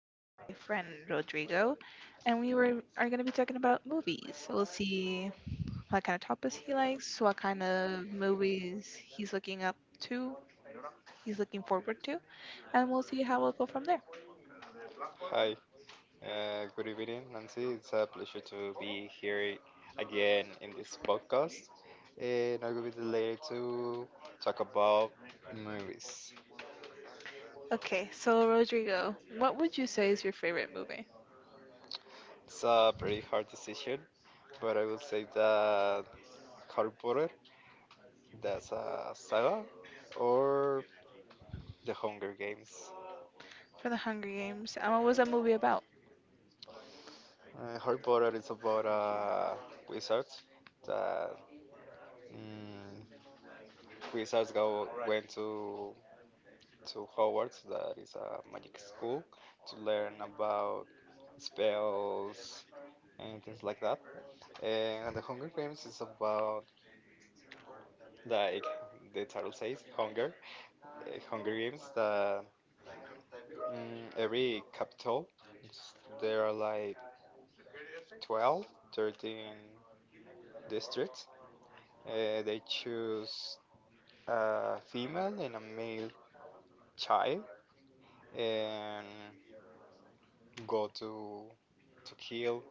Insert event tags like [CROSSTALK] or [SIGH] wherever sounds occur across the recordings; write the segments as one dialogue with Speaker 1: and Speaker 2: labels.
Speaker 1: with my friend Rodrigo, and we were are going to be talking about movies. We'll see what kind of topics he likes, what kind of movies he's he's looking forward to, and we'll see how we'll go from there.
Speaker 2: Hi, good evening, Nancy. It's a pleasure to be here again in this podcast, and I will be delighted to talk about movies.
Speaker 1: Okay, so Rodrigo, what would you say is your favorite movie
Speaker 2: It's a pretty hard decision, but I will say that Harry Potter, that's a saga, or The Hunger Games.
Speaker 1: for The Hunger Games, and what was that movie about?
Speaker 2: Harry Potter is about a wizard that mm, wizards go went to Howard, that is a magic school, to learn about spells and things like that. And the Hunger Games is about, like the title says, hunger. Hunger Games, every capital, it's- there are like 12, 13 districts. They choose a female and a male child and go to kill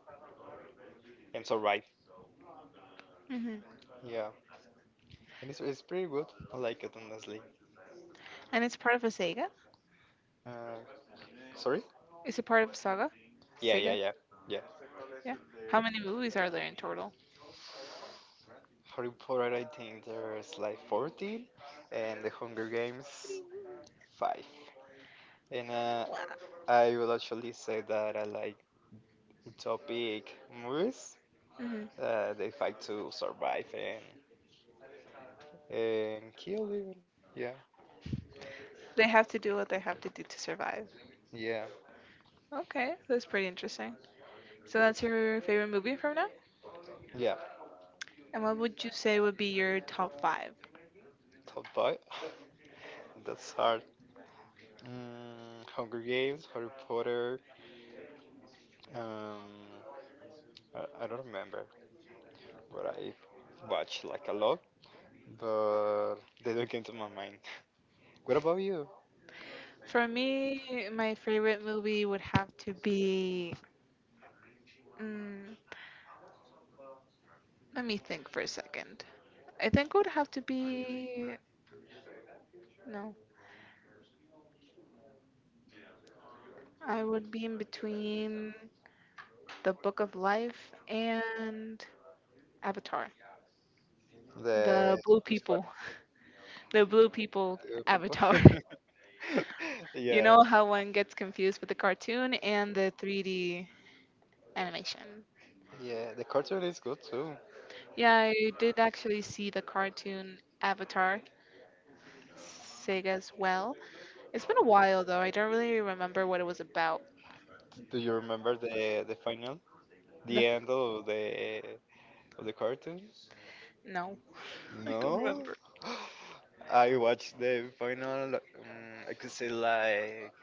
Speaker 2: and survive.
Speaker 1: Hmm.
Speaker 2: Yeah. And it's pretty good. I like it, honestly.
Speaker 1: And it's part of a Sega.
Speaker 2: Uh, Sorry?
Speaker 1: Is it part of Saga?
Speaker 2: Yeah, yeah,
Speaker 1: Sega.
Speaker 2: yeah. Yeah.
Speaker 1: Yeah. How many movies are there in total?
Speaker 2: Harry Potter, I think there's like 14, and The Hunger Games, 5. And I will actually say that I like utopic movies.
Speaker 1: Mhm.
Speaker 2: They fight to survive and kill, even. Yeah,
Speaker 1: They have to do what they have to do to survive.
Speaker 2: yeah,
Speaker 1: Okay, that's pretty interesting. So that's your favorite movie from now?
Speaker 2: yeah.
Speaker 1: And what would you say would be your top five?
Speaker 2: Top five. [LAUGHS] That's hard. Hunger Games, Harry Potter. Um, I don't remember. But I watch like a lot, but they don't get into my mind. [LAUGHS] What about you?
Speaker 1: For me, my favorite movie would have to be. Mm, let me think for a second. I think it would have to be. No, I would be in between The Book of Life and Avatar. The
Speaker 2: The
Speaker 1: Blue
Speaker 2: Which part?
Speaker 1: People. The blue people,
Speaker 2: People?
Speaker 1: avatar.
Speaker 2: [LAUGHS]
Speaker 1: [LAUGHS] You
Speaker 2: Yeah,
Speaker 1: know how one gets confused with the cartoon and the 3D animation.
Speaker 2: yeah. The cartoon is good too.
Speaker 1: Yeah, I did actually see the cartoon Avatar Sega's well. It's been a while though. I don't really remember what it was about.
Speaker 2: Do you remember the final,
Speaker 1: The
Speaker 2: the
Speaker 1: f-
Speaker 2: end of the cartoon?
Speaker 1: no, [LAUGHS] I don't
Speaker 2: No.
Speaker 1: remember.
Speaker 2: [GASPS] I watched the final, like, I could say like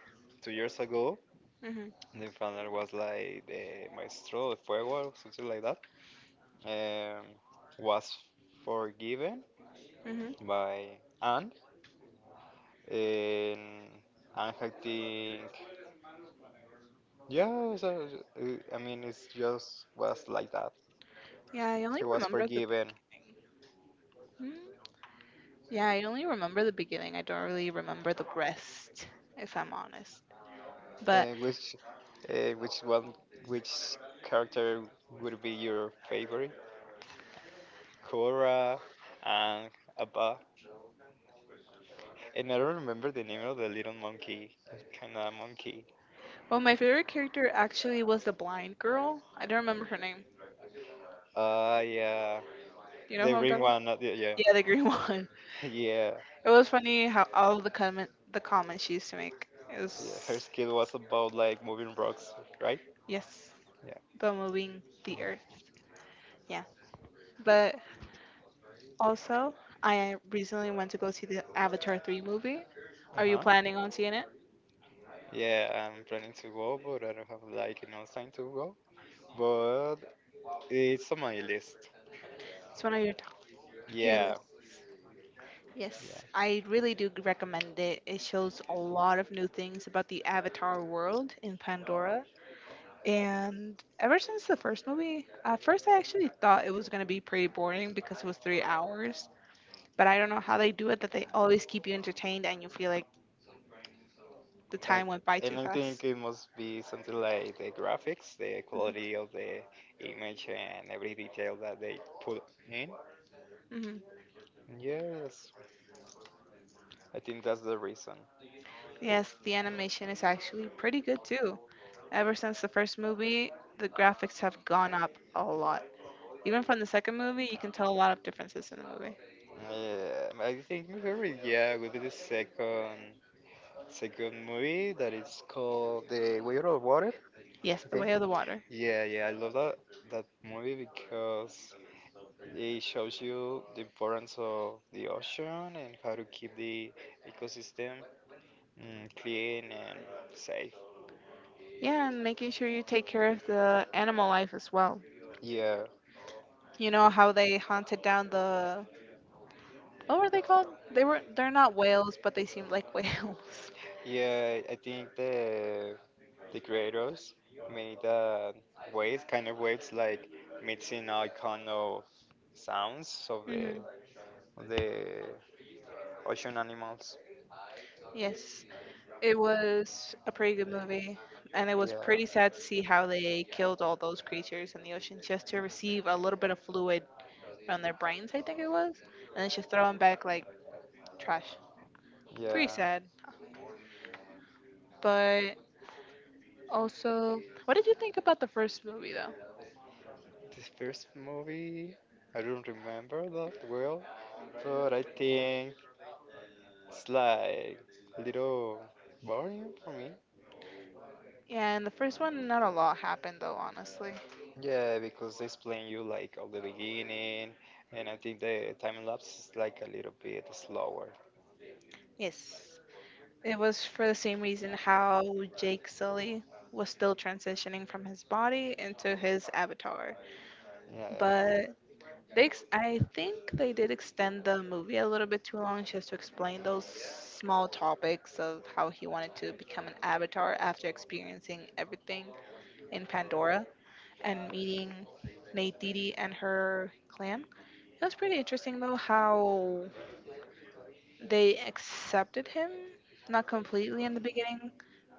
Speaker 2: 2 years ago.
Speaker 1: Mhm.
Speaker 2: The final was like the Maestro de Fuego or something like um, was forgiven
Speaker 1: Mhm.
Speaker 2: by Anne. And Anne, I think, yeah, so, I mean, it's just was like that.
Speaker 1: Yeah, I only
Speaker 2: He was
Speaker 1: remember the beginning.
Speaker 2: forgiven.
Speaker 1: Mm. Yeah, I only remember the beginning. I don't really remember the rest, if I'm honest. But
Speaker 2: Uh, which, uh, which one, which character would be your favorite? Cora and Abba. And I don't remember the name of the little monkey, kind of monkey.
Speaker 1: well, my favorite character actually was the blind girl. I don't remember her name.
Speaker 2: Yeah,
Speaker 1: Do you know
Speaker 2: the
Speaker 1: who I'm
Speaker 2: green
Speaker 1: talking about?
Speaker 2: one. Not the, Yeah.
Speaker 1: Yeah, the green [LAUGHS] one.
Speaker 2: [LAUGHS] Yeah.
Speaker 1: It was funny how all the comments she used to make. It
Speaker 2: Yeah, her
Speaker 1: was
Speaker 2: skill was about like moving rocks, right?
Speaker 1: Yes,
Speaker 2: Yeah.
Speaker 1: the moving the
Speaker 2: Yeah.
Speaker 1: earth. Yeah, but also I recently went to go see the Avatar 3 movie. Are you
Speaker 2: Uh-huh.
Speaker 1: planning on seeing it?
Speaker 2: Yeah, I'm planning to go, but I don't have like enough time to go. But it's on my list.
Speaker 1: It's one of your top your
Speaker 2: Yeah.
Speaker 1: list.
Speaker 2: Yeah.
Speaker 1: Yes, I really recommend it. It shows a lot of new things about the Avatar world in Pandora. And ever since the first movie, at first I actually thought it was going to be pretty boring because it was 3 hours. But I don't know how they do it, that they always keep you entertained and you feel like the
Speaker 2: And,
Speaker 1: time went by too
Speaker 2: and I
Speaker 1: fast.
Speaker 2: think it must be something like the graphics, the
Speaker 1: Mhm.
Speaker 2: quality of the image, and every detail that they put in.
Speaker 1: Hmm.
Speaker 2: Yes, I think that's the reason.
Speaker 1: Yes, the animation is actually pretty good too. Ever since the first movie, the graphics have gone up a lot. Even from the second movie, you can tell a lot of differences in the movie.
Speaker 2: Yeah, I think my favorite, yeah, would be the second. It's a good movie that is called The Way Out of Water,
Speaker 1: Yes,
Speaker 2: I
Speaker 1: the
Speaker 2: think.
Speaker 1: way of the water.
Speaker 2: Yeah, yeah, I love that movie because it shows you the importance of the ocean and how to keep the ecosystem clean and safe.
Speaker 1: Yeah, and making sure you take care of the animal life as well.
Speaker 2: Yeah,
Speaker 1: You know how they hunted down the, what were they called? They're not whales, but they seemed like whales. [LAUGHS]
Speaker 2: yeah, I think the creators made waves, kind of waves like mixing all kind of sounds of the
Speaker 1: Hmm.
Speaker 2: of the ocean animals.
Speaker 1: Yes, it was a pretty good movie, and it was
Speaker 2: Yeah.
Speaker 1: pretty sad to see how they killed all those creatures in the ocean just to receive a little bit of fluid from their brains, I think it was, and then just throw them back like trash. Pretty
Speaker 2: Yeah.
Speaker 1: sad, but also, what did you think about the first movie though?
Speaker 2: This first movie, I don't remember that well, but I think it's like a little boring for me.
Speaker 1: Yeah, in the first one, not a lot happened though, honestly.
Speaker 2: Yeah, because they explain you like all the beginning, and I think the time lapse is like a little bit slower.
Speaker 1: Yes, it was for the same reason how Jake Sully was still transitioning from his body into his avatar.
Speaker 2: Yeah, yeah.
Speaker 1: But I think they did extend the movie a little bit too long just to explain those small topics of how he wanted to become an avatar after experiencing everything in Pandora, and meeting Neytiri and her clan. It was pretty interesting though how they accepted him, not completely in the beginning,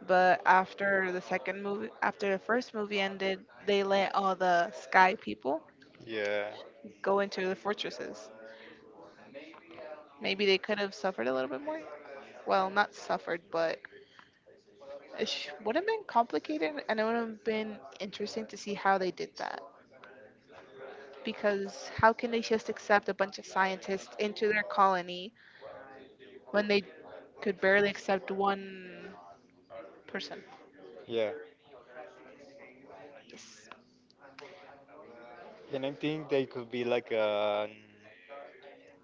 Speaker 1: but after the second movie, after the first movie ended, they let all the sky people
Speaker 2: Yeah,
Speaker 1: go into the fortresses. Maybe they could have suffered a little bit more. Well, not suffered, but would have been complicated, and it would have been interesting to see how they did that. Because how can they just accept a bunch of scientists into their colony when they could barely accept one person.
Speaker 2: yeah.
Speaker 1: Yes.
Speaker 2: And I think they could be like a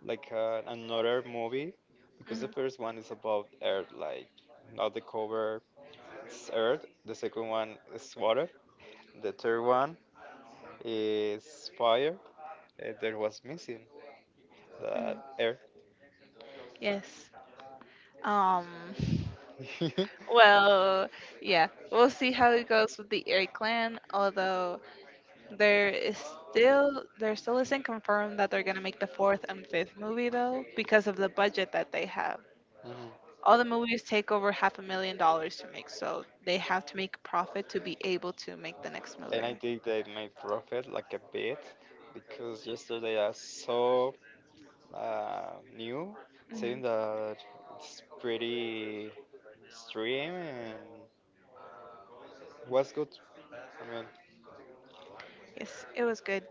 Speaker 2: like a, another movie because the first
Speaker 1: Hmm.
Speaker 2: one is about Earth, like not the cover is Earth. The second one is water. The third one is fire. And there was missing that
Speaker 1: Hmm.
Speaker 2: Earth.
Speaker 1: Yes. Um. [LAUGHS]
Speaker 2: [LAUGHS]
Speaker 1: Well, yeah, we'll see how it goes with the Eri clan. Although there is still there still isn't confirmed that they're gonna make the 4th and 5th movie though, because of the budget that they have.
Speaker 2: Mhm.
Speaker 1: All the movies take over half a million dollars to make, so they have to make a profit to be able to make the next
Speaker 2: And I
Speaker 1: movie.
Speaker 2: think they made profit like a bit because yesterday I saw new
Speaker 1: Hmm.
Speaker 2: saying that it's pretty streaming was good. I mean,
Speaker 1: Yes, it was good.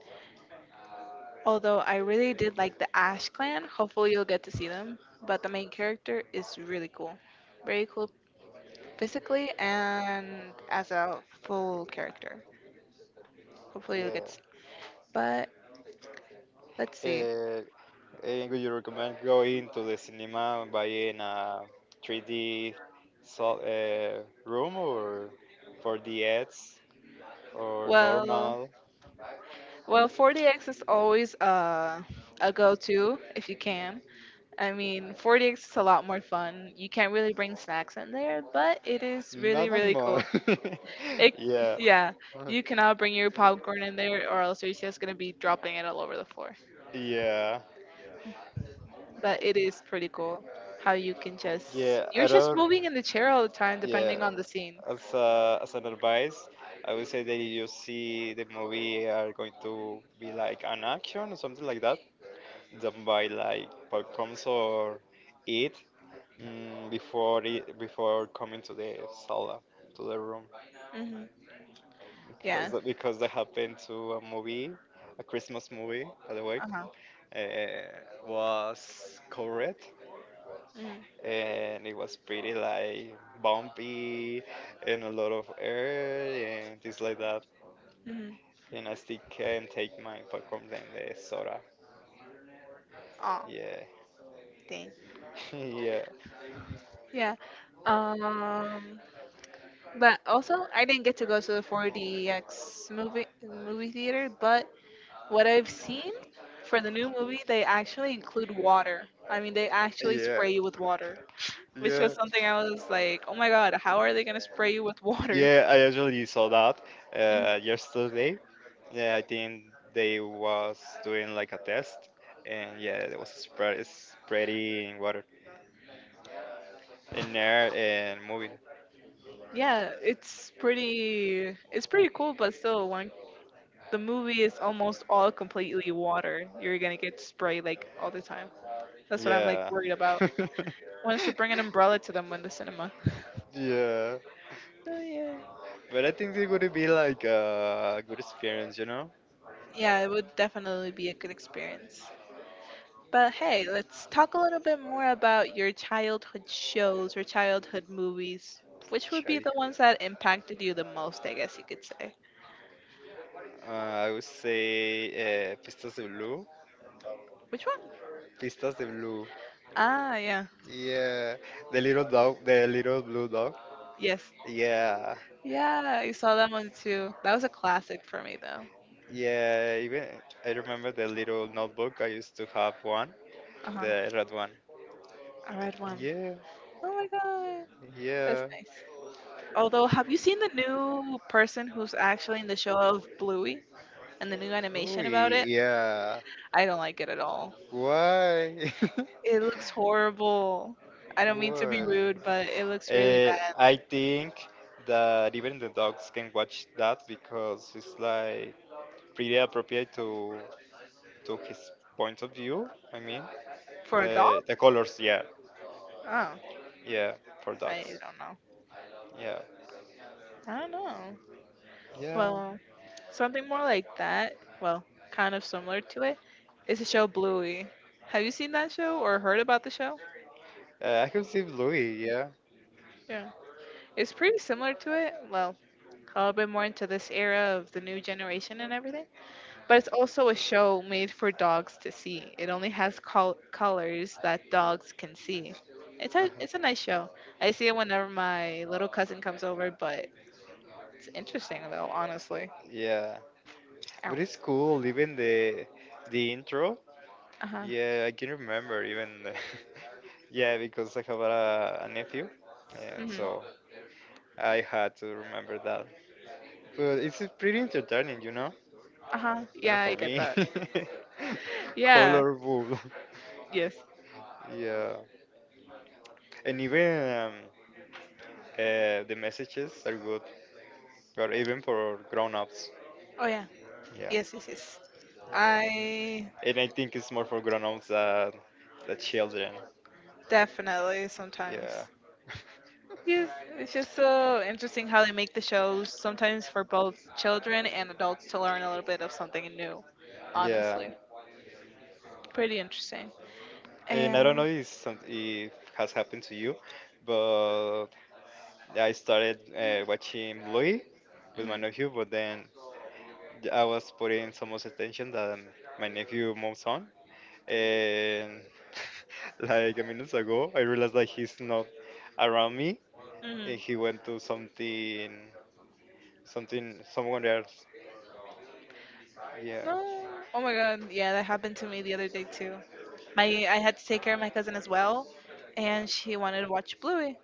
Speaker 1: Although I really did like the Ash Clan, hopefully you'll get to see them. But the main character is really cool. Very cool physically and as a full character. Hopefully you'll
Speaker 2: yeah.
Speaker 1: get to see. But let's see.
Speaker 2: Uh, and would you recommend going to the cinema and buying a 3D so, room or for the ads or
Speaker 1: Well,
Speaker 2: normal?
Speaker 1: 40X is always a go-to if you can. I mean, 40X is a lot more fun. You can't really bring snacks in there, but it is really,
Speaker 2: Not on
Speaker 1: really
Speaker 2: more.
Speaker 1: cool. It,
Speaker 2: [LAUGHS] yeah.
Speaker 1: yeah,
Speaker 2: [LAUGHS]
Speaker 1: you cannot bring your popcorn in there, or else you're just gonna be dropping it all over the floor.
Speaker 2: Yeah.
Speaker 1: But it is pretty cool how
Speaker 2: Yeah.
Speaker 1: you're
Speaker 2: I
Speaker 1: just
Speaker 2: don't.
Speaker 1: moving in the chair all the time,
Speaker 2: Yeah,
Speaker 1: depending on the scene.
Speaker 2: as an advice, I would say that you see the movie are going to be like an action or something like that. Don't buy like popcorns or eat before it, before coming to the sala to the room
Speaker 1: Hmm.
Speaker 2: because
Speaker 1: Yeah.
Speaker 2: that happened to a movie, a Christmas movie by the way,
Speaker 1: Uh huh.
Speaker 2: was covered
Speaker 1: Mm-hmm.
Speaker 2: and it was pretty like bumpy and a lot of air and things like that.
Speaker 1: Mm-hmm.
Speaker 2: And I still can't take my popcorn and the soda.
Speaker 1: Oh,
Speaker 2: Yeah,
Speaker 1: dang.
Speaker 2: [LAUGHS] yeah,
Speaker 1: Yeah. Um, but also I didn't get to go to the 4DX movie theater, but what I've seen for the new movie, they actually include water. I mean, they actually
Speaker 2: yeah,
Speaker 1: spray you with water, which was
Speaker 2: yeah.
Speaker 1: something I was like, oh my god, how are they gonna spray you with water?
Speaker 2: Yeah, I actually saw that
Speaker 1: Mhm.
Speaker 2: yesterday. Yeah, I think they was doing like a test, and yeah, it was spreading water in air and moving.
Speaker 1: Yeah, it's pretty cool, but still, when the movie is almost all completely water, you're gonna get sprayed like all the time. That's what I'm like
Speaker 2: Yeah.
Speaker 1: worried about.
Speaker 2: [LAUGHS]
Speaker 1: Why don't you bring an umbrella to them in the cinema? [LAUGHS]
Speaker 2: yeah.
Speaker 1: Oh yeah.
Speaker 2: But I think it would be like a good experience, you know?
Speaker 1: Yeah, it would definitely be a good experience. But hey, let's talk a little bit more about your childhood shows or childhood movies. Which would be
Speaker 2: Okay.
Speaker 1: the ones that impacted you the most, I guess you could say?
Speaker 2: I would say Pistas de Blue.
Speaker 1: Which one?
Speaker 2: Pistas de Blue.
Speaker 1: Ah, yeah.
Speaker 2: Yeah. The little dog, the little blue dog.
Speaker 1: Yes.
Speaker 2: Yeah.
Speaker 1: Yeah, I saw that one too. That was a classic for me, though.
Speaker 2: Yeah. Even I remember the little notebook. I used to have one,
Speaker 1: Uh huh.
Speaker 2: the red one.
Speaker 1: A red one.
Speaker 2: Yeah,
Speaker 1: Oh my god. That's
Speaker 2: yeah.
Speaker 1: nice. Although, have you seen the new person who's actually in the show of Bluey and the new
Speaker 2: Oh,
Speaker 1: animation about it?
Speaker 2: yeah.
Speaker 1: I don't like it at all.
Speaker 2: Why?
Speaker 1: It looks horrible. I
Speaker 2: [LAUGHS]
Speaker 1: don't mean to be
Speaker 2: Why?
Speaker 1: rude, but it looks really bad.
Speaker 2: I think that even the dogs can watch that because it's like pretty appropriate to his point of view. I mean,
Speaker 1: For a dog?
Speaker 2: the colors. Yeah,
Speaker 1: Oh,
Speaker 2: yeah, for
Speaker 1: I
Speaker 2: dogs.
Speaker 1: don't know.
Speaker 2: Yeah,
Speaker 1: I don't know.
Speaker 2: yeah.
Speaker 1: Well, something more like that, well, kind of similar to it, is the show Bluey. Have you seen that show or heard about the show?
Speaker 2: I can see Louis. Yeah.
Speaker 1: Yeah. It's pretty similar to it. Well, a little bit more into this era of the new generation and everything. But it's also a show made for dogs to see. It only has colors that dogs can see. It's
Speaker 2: Uh-huh.
Speaker 1: a nice show. I see it whenever my little cousin comes over, but it's interesting though, honestly.
Speaker 2: Yeah,
Speaker 1: Ow.
Speaker 2: but it's cool. Even the intro.
Speaker 1: Uh huh.
Speaker 2: Yeah, I can remember even. [LAUGHS] Yeah, because I have a nephew, and
Speaker 1: Hmm.
Speaker 2: so I had to remember that. But it's pretty entertaining.
Speaker 1: Uh huh.
Speaker 2: Bueno,
Speaker 1: Yeah, I
Speaker 2: for
Speaker 1: get
Speaker 2: me,
Speaker 1: that. [LAUGHS]
Speaker 2: [LAUGHS]
Speaker 1: Yeah.
Speaker 2: colorful.
Speaker 1: Yes.
Speaker 2: Yeah, and even the messages are good, but even for grown-ups.
Speaker 1: Oh yeah.
Speaker 2: Yeah.
Speaker 1: Yes. Yes. Yes.
Speaker 2: Yeah.
Speaker 1: I
Speaker 2: And I think it's more for grown-ups than the children.
Speaker 1: definitely
Speaker 2: Yeah,
Speaker 1: sometimes. Yes, it's just so interesting how they make the shows sometimes for both children and adults to learn a little bit of something new.
Speaker 2: [LAUGHS] yeah.
Speaker 1: Honestly, pretty interesting.
Speaker 2: And I don't know
Speaker 1: And
Speaker 2: if has happened to you, but I started watching Louis with my
Speaker 1: mhm,
Speaker 2: nephew, but then I was putting so much attention that my nephew moves on, and [LAUGHS] like a minute ago, I realized that he's not around me,
Speaker 1: mhm.
Speaker 2: and he went to someone else. Yeah.
Speaker 1: No, oh my god, yeah, that happened to me the other day too. My I had to take care of my cousin as well, and she wanted to watch Bluey.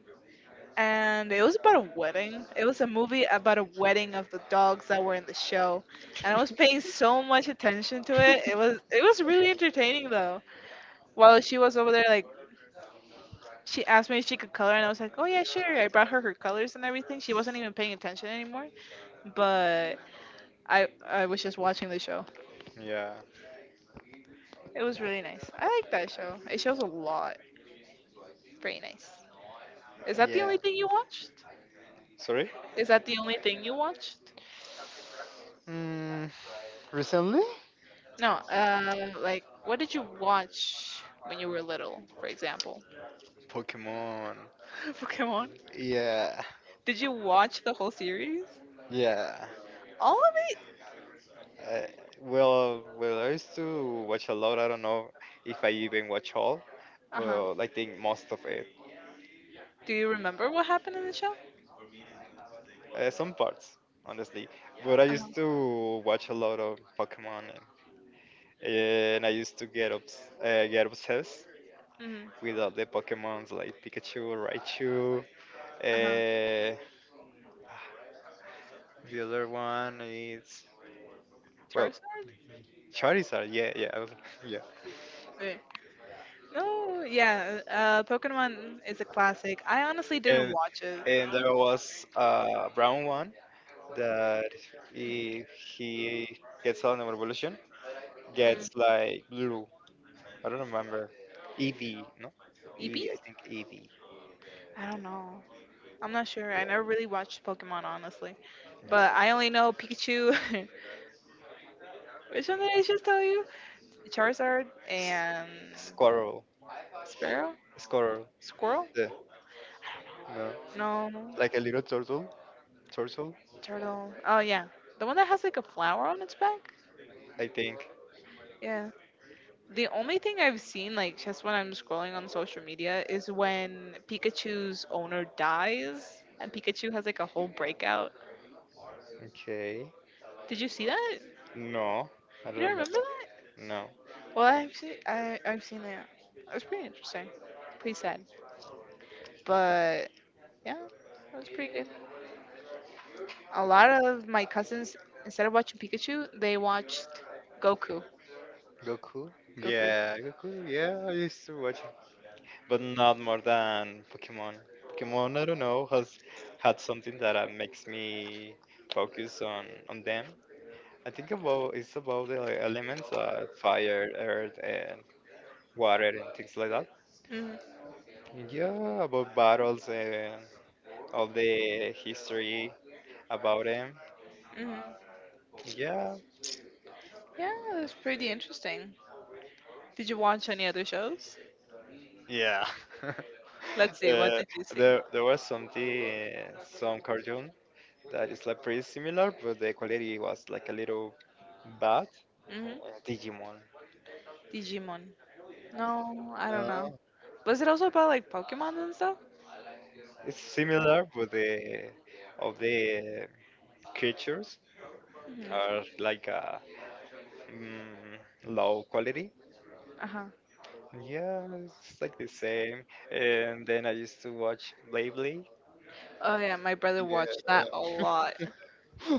Speaker 1: And it was about a wedding. It was a movie about a wedding of the dogs that were in the show, and I was paying so
Speaker 2: [LAUGHS]
Speaker 1: much attention to it. It was really entertaining though. While she was over there, like, she asked me if she could color, and I was like, "Oh yeah, sure." I brought her her colors and everything. She wasn't even paying attention anymore, but I was just watching the show.
Speaker 2: Yeah.
Speaker 1: It was really nice. I like that show. It shows a lot. Very nice. Is that the
Speaker 2: Yeah.
Speaker 1: only thing you watched?
Speaker 2: Sorry?
Speaker 1: Is that the only thing you watched?
Speaker 2: Mm, Recently?
Speaker 1: No. Like what did you watch when you were little, for example?
Speaker 2: Pokemon.
Speaker 1: [LAUGHS] Pokemon.
Speaker 2: Yeah.
Speaker 1: Did you watch the whole series?
Speaker 2: Yeah.
Speaker 1: All of it?
Speaker 2: Uh, well, I used to watch a lot. I don't know if I even watch all,
Speaker 1: Uh huh.
Speaker 2: but I think most of it.
Speaker 1: Do you remember what happened in the show?
Speaker 2: Some parts, honestly. But I
Speaker 1: Uh
Speaker 2: used
Speaker 1: huh.
Speaker 2: to watch a lot of Pokemon, and I used to get obsessed
Speaker 1: Mm-hmm.
Speaker 2: with all the Pokemons like Pikachu, Raichu. Uh, the other one is well
Speaker 1: Charizard?
Speaker 2: Charizard. Yeah, yeah, [LAUGHS] yeah.
Speaker 1: Wait. Oh, yeah. Pokemon is a classic. I honestly didn't
Speaker 2: And
Speaker 1: watch it.
Speaker 2: and there was a brown one that if he gets on an evolution,
Speaker 1: Mm.
Speaker 2: gets like blue. I don't remember. Eevee, no? Eevee,
Speaker 1: Eevee?
Speaker 2: I think Eevee.
Speaker 1: I don't know. I'm not sure. I
Speaker 2: Yeah.
Speaker 1: never really watched Pokemon, honestly. But I only know Pikachu. [LAUGHS] Which one did I just tell you? Charizard
Speaker 2: S-
Speaker 1: and
Speaker 2: Squirrel.
Speaker 1: Sparrow?
Speaker 2: Squirrel.
Speaker 1: Squirrel?
Speaker 2: Yeah. No.
Speaker 1: No,
Speaker 2: Like a little turtle. Turtle,
Speaker 1: turtle. Oh yeah, the one that has like a flower on its back.
Speaker 2: I think.
Speaker 1: Yeah. The only thing I've seen, like just when I'm scrolling on social media, is when Pikachu's owner dies and Pikachu has like a whole breakout.
Speaker 2: Okay.
Speaker 1: Did you see that?
Speaker 2: No, I
Speaker 1: You
Speaker 2: don't
Speaker 1: don't
Speaker 2: remember.
Speaker 1: remember that?
Speaker 2: No.
Speaker 1: Well, I actually, I've seen that. It was pretty interesting, pretty sad, but yeah, it was pretty good. A lot of my cousins, instead of watching Pikachu, they watched Goku.
Speaker 2: Goku?
Speaker 1: Goku.
Speaker 2: Yeah, Goku. Yeah, I used to watch it, but not more than Pokemon. Pokemon, I don't know, has had something that makes me focus on them. I think about it's about the, like, elements, fire, earth, and water, and things like that.
Speaker 1: Mhm.
Speaker 2: Yeah, about battles and all the history about them.
Speaker 1: Mhm.
Speaker 2: Yeah.
Speaker 1: Yeah, it was pretty interesting. Did you watch any other shows?
Speaker 2: Yeah. [LAUGHS] uh,
Speaker 1: Let's see. What did you see?
Speaker 2: there was some cartoon that is like pretty similar, but the quality was like a little bad.
Speaker 1: hmm
Speaker 2: Digimon.
Speaker 1: Digimon. No, I don't know.
Speaker 2: No,
Speaker 1: Was it also about like Pokemon and stuff?
Speaker 2: it's similar, but the of the creatures
Speaker 1: hmm
Speaker 2: are like a mm, low quality.
Speaker 1: Uh-huh.
Speaker 2: Yeah, it's like the same. And then I used to watch Beyblade.
Speaker 1: Oh yeah, my brother watched
Speaker 2: Yeah.
Speaker 1: that a lot.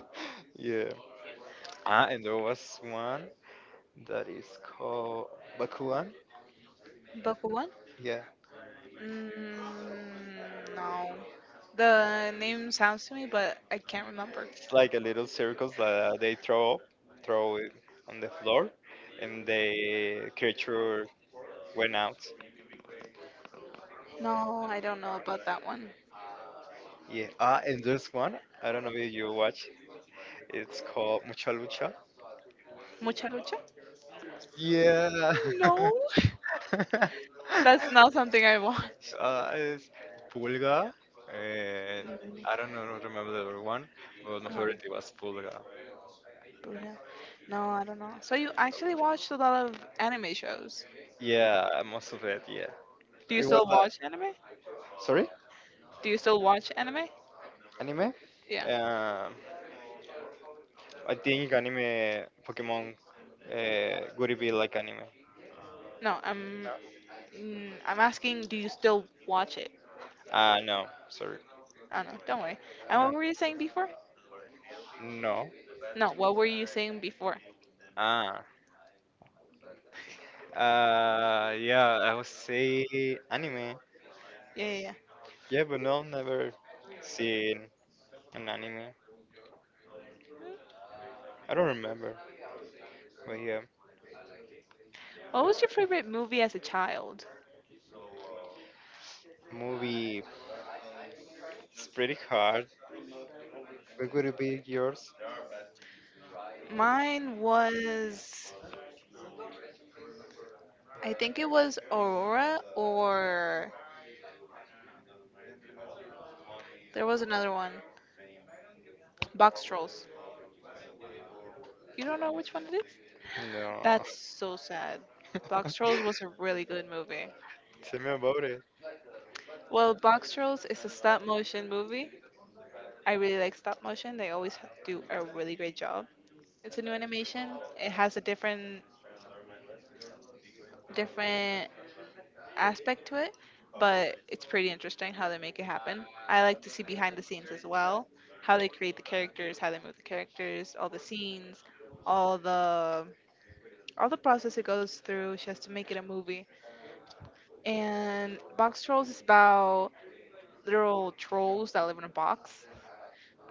Speaker 2: [LAUGHS] yeah. And there was one, that is called Bakugan.
Speaker 1: The who one?
Speaker 2: Yeah,
Speaker 1: Mm, no. The name sounds to me, but I can't remember.
Speaker 2: it's like a little circles that they throw up, throw it on the floor, and the creature went out.
Speaker 1: No, I don't know about that one.
Speaker 2: Yeah, and there's one. I don't know if you watch. It's called Mucha Lucha.
Speaker 1: Mucha lucha?
Speaker 2: Yeah.
Speaker 1: No,
Speaker 2: [LAUGHS]
Speaker 1: [LAUGHS] that's not something I watch.
Speaker 2: It's Pulga. And
Speaker 1: Mm,
Speaker 2: I don't know, remember the other one, but my
Speaker 1: uh,
Speaker 2: favorite was Pulga.
Speaker 1: Buddha. No, I don't know. So you actually watched a lot of anime shows.
Speaker 2: Yeah, most of it. Yeah.
Speaker 1: Do you
Speaker 2: It was
Speaker 1: still
Speaker 2: like.
Speaker 1: watch anime?
Speaker 2: Sorry.
Speaker 1: Do you still watch anime?
Speaker 2: Anime.
Speaker 1: Yeah.
Speaker 2: Um, I think anime Pokemon would be like anime.
Speaker 1: No, I'm asking do you still watch it?
Speaker 2: No, sorry.
Speaker 1: Oh no, don't worry. And
Speaker 2: No,
Speaker 1: what were you saying before?
Speaker 2: no.
Speaker 1: No, what were you saying before?
Speaker 2: Ah, yeah, I would say anime.
Speaker 1: Yeah, yeah, yeah.
Speaker 2: Yeah, but no, never seen an anime. I don't remember. But yeah,
Speaker 1: What was your favorite movie as a child?
Speaker 2: movie. It's pretty hard. What would it be yours?
Speaker 1: Mine was I think it was Aurora or there was another one. Box Trolls. You don't know which one it is?
Speaker 2: No.
Speaker 1: That's so sad.
Speaker 2: [LAUGHS]
Speaker 1: Box Trolls was a really good movie.
Speaker 2: Tell me about it.
Speaker 1: Well, Box Trolls is a stop motion movie. I really like stop motion. They always do a really great job. It's a new animation. It has a different aspect to it, but it's pretty interesting how they make it happen. I like to see behind the scenes as well, how they create the characters, how they move the characters, all the scenes, all the all the process it goes through just to make it a movie. And Box Trolls is about literal trolls that live in a box,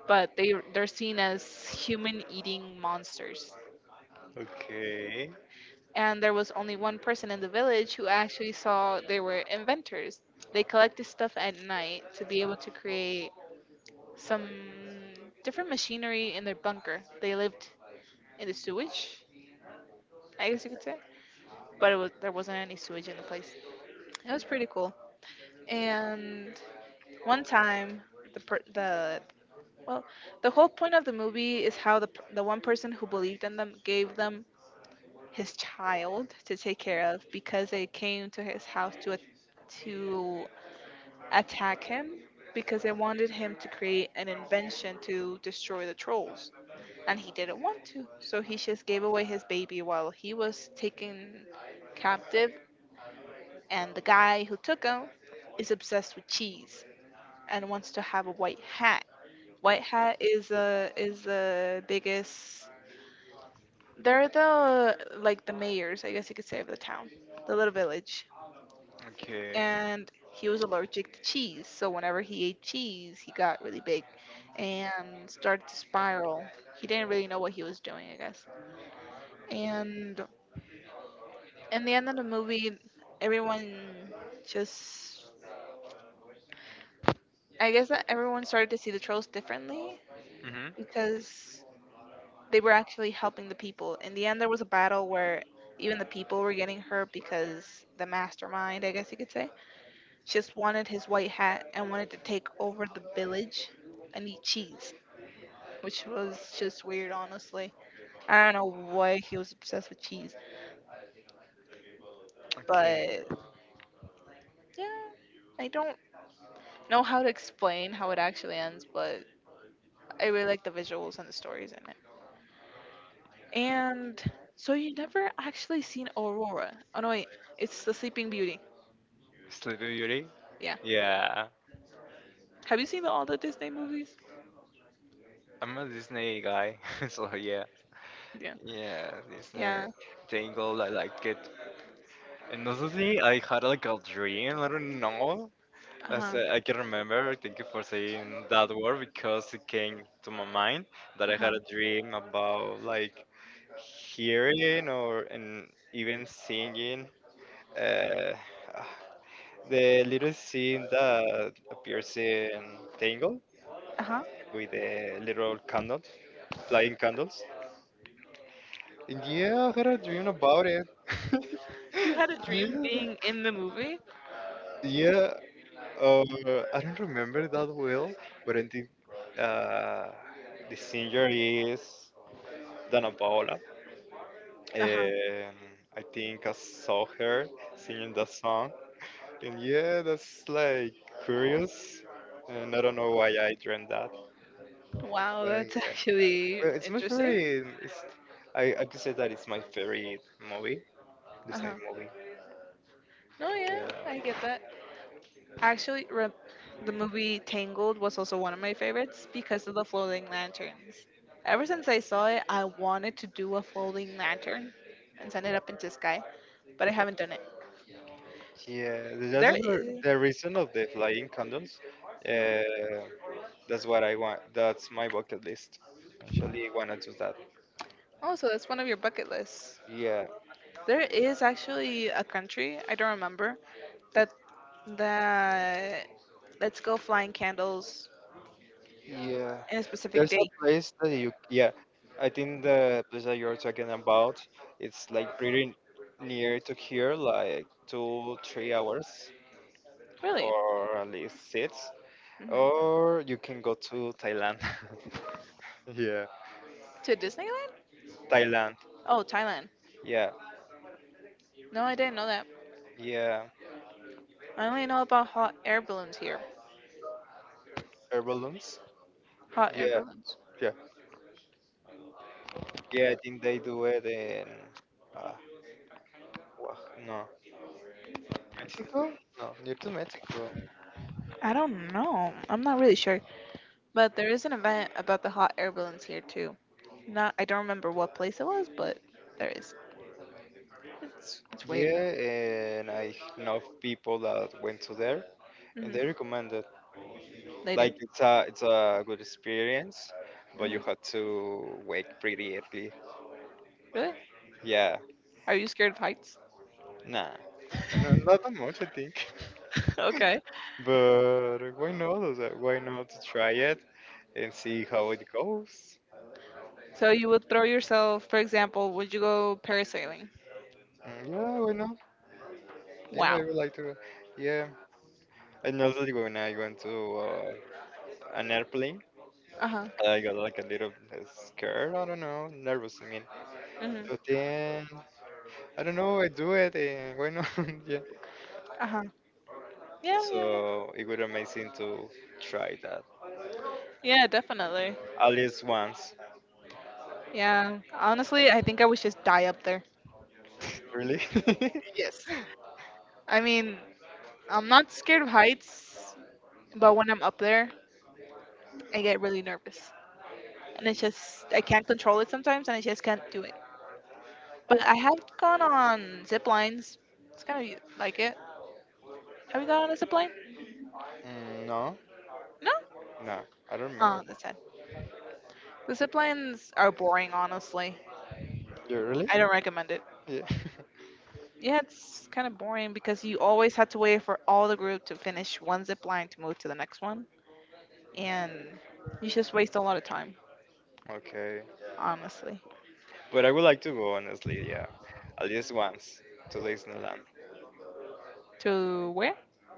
Speaker 1: but they're seen as human eating monsters,
Speaker 2: Okay.
Speaker 1: and there was only one person in the village who actually saw they were inventors. They collected stuff at night to be able to create some different machinery in their bunker. They lived in the sewage, I guess you could say, but it was there wasn't any sewage in the place. It was pretty cool. And one time, the per- the well, the whole point of the movie is how the one person who believed in them gave them his child to take care of because they came to his house to attack him because they wanted him to create an invention to destroy the trolls, and he didn't want to, so he just gave away his baby while he was taken captive, and the guy who took him is obsessed with cheese and wants to have a white hat. White hat is the biggest, they're the like the mayors, I guess you could say, of the town, the little village.
Speaker 2: Okay.
Speaker 1: And he was allergic to cheese. So whenever he ate cheese, he got really big and started to spiral. He didn't really know what he was doing, I guess. And in the end of the movie, everyone just I guess that everyone started to see the trolls differently
Speaker 2: Mhm.
Speaker 1: because they were actually helping the people. In the end, there was a battle where even the people were getting hurt because the mastermind, I guess you could say, just wanted his white hat and wanted to take over the village and eat cheese, which was just weird, honestly. I don't know why he was obsessed with cheese,
Speaker 2: Okay.
Speaker 1: but yeah, I don't know how to explain how it actually ends, but I really like the visuals and the stories in it. And so you never actually seen Aurora. Oh no, wait, it's the Sleeping Beauty.
Speaker 2: Sleepy Beauty?
Speaker 1: Yeah.
Speaker 2: Yeah.
Speaker 1: Have you seen the, all the Disney movies?
Speaker 2: I'm a Disney guy, [LAUGHS] so yeah.
Speaker 1: Yeah.
Speaker 2: Yeah, Disney
Speaker 1: Yeah.
Speaker 2: Tangled, I like it. Another thing, I had like a dream, I don't know.
Speaker 1: Uh
Speaker 2: As
Speaker 1: huh.
Speaker 2: I can remember, thank you for saying that word because it came to my mind that
Speaker 1: Uh
Speaker 2: I
Speaker 1: huh.
Speaker 2: had a dream about like hearing or and even singing. Uh, the little scene that appears in Tangled
Speaker 1: Uh huh.
Speaker 2: with the little candle flying candles. Yeah, I had a dream about it.
Speaker 1: You had a
Speaker 2: [LAUGHS]
Speaker 1: dream
Speaker 2: Yeah,
Speaker 1: being in the movie?
Speaker 2: yeah. I don't remember that well, but I think uh, the singer is Dana Paola.
Speaker 1: Uh huh.
Speaker 2: Um, I think I saw her singing that song, and yeah, that's like curious. And I don't know why I dreamed that.
Speaker 1: Wow,
Speaker 2: But
Speaker 1: that's [LAUGHS]
Speaker 2: yeah,
Speaker 1: actually
Speaker 2: well, it's my
Speaker 1: interesting.
Speaker 2: favorite. I could say that it's my favorite movie,
Speaker 1: Uh huh.
Speaker 2: Disney movie.
Speaker 1: No, yeah,
Speaker 2: Yeah.
Speaker 1: I get that. Actually, the movie Tangled was also one of my favorites because of the floating lanterns. Ever since I saw it, I wanted to do a floating lantern and send it up into the sky, but I haven't done it.
Speaker 2: Yeah, that's
Speaker 1: There
Speaker 2: the
Speaker 1: is.
Speaker 2: the reason of the flying condoms. Uh, that's what I want. That's my bucket list. Actually, wanna do that.
Speaker 1: Oh, so that's one of your bucket lists.
Speaker 2: Yeah,
Speaker 1: There is actually a country I don't remember that that let's go flying candles
Speaker 2: yeah.
Speaker 1: in a specific
Speaker 2: There's a
Speaker 1: date.
Speaker 2: place that you. Yeah, I think the place that you're talking about. It's like pretty near to here, like two, 3 hours,
Speaker 1: Really?
Speaker 2: or at least six.
Speaker 1: hmm
Speaker 2: Or you can go to Thailand. [LAUGHS] Yeah,
Speaker 1: To Disneyland?
Speaker 2: Thailand.
Speaker 1: Oh, Thailand.
Speaker 2: Yeah,
Speaker 1: No, I didn't know that.
Speaker 2: yeah.
Speaker 1: I only know about hot air balloons here.
Speaker 2: Air balloons.
Speaker 1: Hot air
Speaker 2: Yeah,
Speaker 1: balloons.
Speaker 2: yeah. Yeah, I think they do it in uh, Oax- no, Mexico, no, near to Mexico.
Speaker 1: I don't know. I'm not really sure. But there is an event about the hot air balloons here too. Not I don't remember what place it was, but there is. It's weird.
Speaker 2: Yeah, and I know people that went to there, and they
Speaker 1: hmm
Speaker 2: recommend it.
Speaker 1: They do.
Speaker 2: Like it's a good experience, but you
Speaker 1: hmm
Speaker 2: have to wake pretty early.
Speaker 1: Really?
Speaker 2: Yeah,
Speaker 1: Are you scared of heights?
Speaker 2: nah, no, not that much I think. [LAUGHS]
Speaker 1: [LAUGHS] Okay.
Speaker 2: But why not? O sea, why not to try it and see how it goes?
Speaker 1: So you would throw yourself, for example, would you go parasailing?
Speaker 2: Yeah, why not? Yeah, I
Speaker 1: Wow.
Speaker 2: would like to. Yeah. I know that when I went to an airplane.
Speaker 1: Uh huh.
Speaker 2: I got like a little scared. I don't know, nervous. I mean,
Speaker 1: Mhm.
Speaker 2: but then I don't know. I do it, and why not? [LAUGHS] Yeah.
Speaker 1: Uh huh. Yeah, yeah, yeah.
Speaker 2: So it would be amazing to try that
Speaker 1: Yeah, definitely.
Speaker 2: at least once.
Speaker 1: Yeah. Honestly, I think I would just die up there.
Speaker 2: Really? [LAUGHS]
Speaker 1: Yes. I mean, I'm not scared of heights, but when I'm up there, I get really nervous, and it's just I can't control it sometimes, and I just can't do it. But I have gone on zip lines. It's kind of like it. Have you gone on a zip line?
Speaker 2: No,
Speaker 1: No.
Speaker 2: no, I don't
Speaker 1: Oh,
Speaker 2: remember.
Speaker 1: that's sad. The zip lines are boring, honestly.
Speaker 2: You really?
Speaker 1: I don't recommend it.
Speaker 2: Yeah.
Speaker 1: Yeah, it's kind of boring because you always had to wait for all the group to finish one zip line to move to the next one, and you just waste a lot of time,
Speaker 2: [LAUGHS] Okay,
Speaker 1: honestly.
Speaker 2: but I would like to go honestly. Yeah, at least once to Disneyland.
Speaker 1: To where?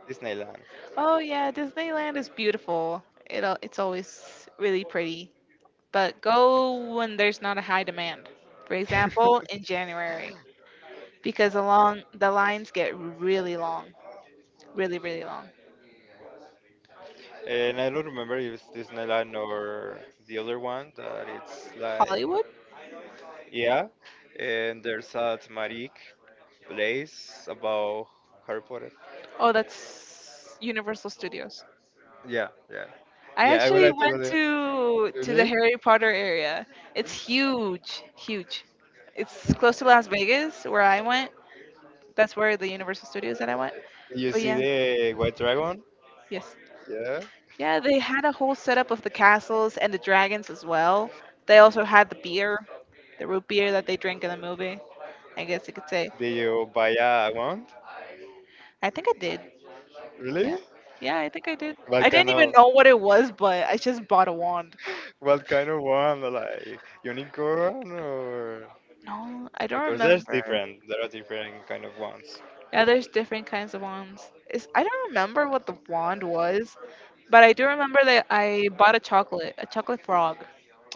Speaker 2: Disneyland.
Speaker 1: Oh yeah, Disneyland is beautiful. It's always really pretty, but go when there's not a high demand. For example, in January, because along the lines get really long, really really long.
Speaker 2: [LAUGHS] And I don't remember if it's Disneyland or the other one that it's like.
Speaker 1: Hollywood?
Speaker 2: Yeah, and there's a thematic place about Harry Potter.
Speaker 1: Oh, that's Universal Studios.
Speaker 2: Yeah, yeah,
Speaker 1: I
Speaker 2: yeah. I would
Speaker 1: actually
Speaker 2: like to go
Speaker 1: went
Speaker 2: there.
Speaker 1: to the
Speaker 2: Really?
Speaker 1: Harry Potter area. It's huge, huge. It's close to Las Vegas where I went. That's where the Universal Studios that I went.
Speaker 2: Do you
Speaker 1: But
Speaker 2: see
Speaker 1: yeah,
Speaker 2: the white dragon?
Speaker 1: yes.
Speaker 2: Yeah.
Speaker 1: Yeah, they had a whole setup of the castles and the dragons as well. They also had the beer, the root beer that they drink in the movie. I guess you could say.
Speaker 2: Do you buy a one?
Speaker 1: I think I did. Yeah.
Speaker 2: Really?
Speaker 1: Yeah, I think I did. I
Speaker 2: What kind
Speaker 1: didn't
Speaker 2: of
Speaker 1: even know what it was, but I just bought a wand.
Speaker 2: what kind of one? Like unicorn or?
Speaker 1: No, I don't
Speaker 2: Because there's
Speaker 1: remember.
Speaker 2: different. There are different kind of ones.
Speaker 1: Yeah, there's different kinds of wands. It's, I don't remember what the wand was, but I do remember that I bought a chocolate frog.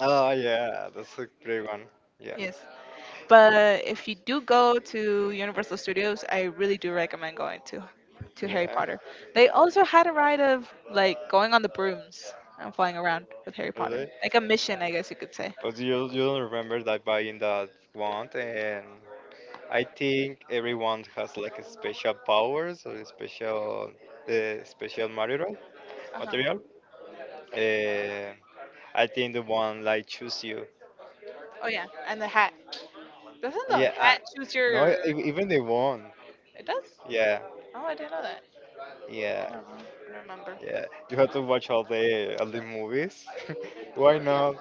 Speaker 2: Oh yeah, that's a great one. Yeah,
Speaker 1: Yes. But if you do go to Universal Studios, I really do recommend going to Harry
Speaker 2: yeah.
Speaker 1: Potter. They also had a ride of like going on the brooms and flying around with Harry Potter.
Speaker 2: Really?
Speaker 1: Like a mission, I guess you could say.
Speaker 2: Because you don't remember that buying that wand, and I think everyone has like a special powers or a special the special material
Speaker 1: Uh-huh.
Speaker 2: material. Uh, I think the one like choose you.
Speaker 1: Oh yeah, and the hat. Doesn't the
Speaker 2: Yeah,
Speaker 1: hat choose
Speaker 2: No,
Speaker 1: your
Speaker 2: even the one.
Speaker 1: it does?
Speaker 2: Yeah,
Speaker 1: Oh, I didn't know that. I
Speaker 2: yeah,
Speaker 1: don't know. I don't remember.
Speaker 2: yeah. You have to watch all the movies. [LAUGHS] Why not?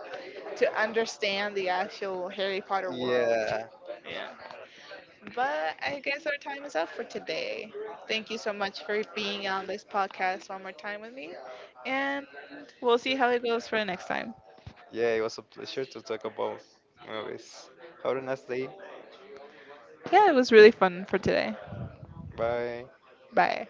Speaker 1: To understand the actual Harry Potter world.
Speaker 2: Yeah,
Speaker 1: Yeah. But I guess our time is up for today. Thank you so much for being on this podcast one more time with me. And we'll see how it goes for the next time.
Speaker 2: yeah. It was a pleasure to talk about movies. Have a nice day.
Speaker 1: Yeah, it was really fun for today.
Speaker 2: Bye.
Speaker 1: Bye.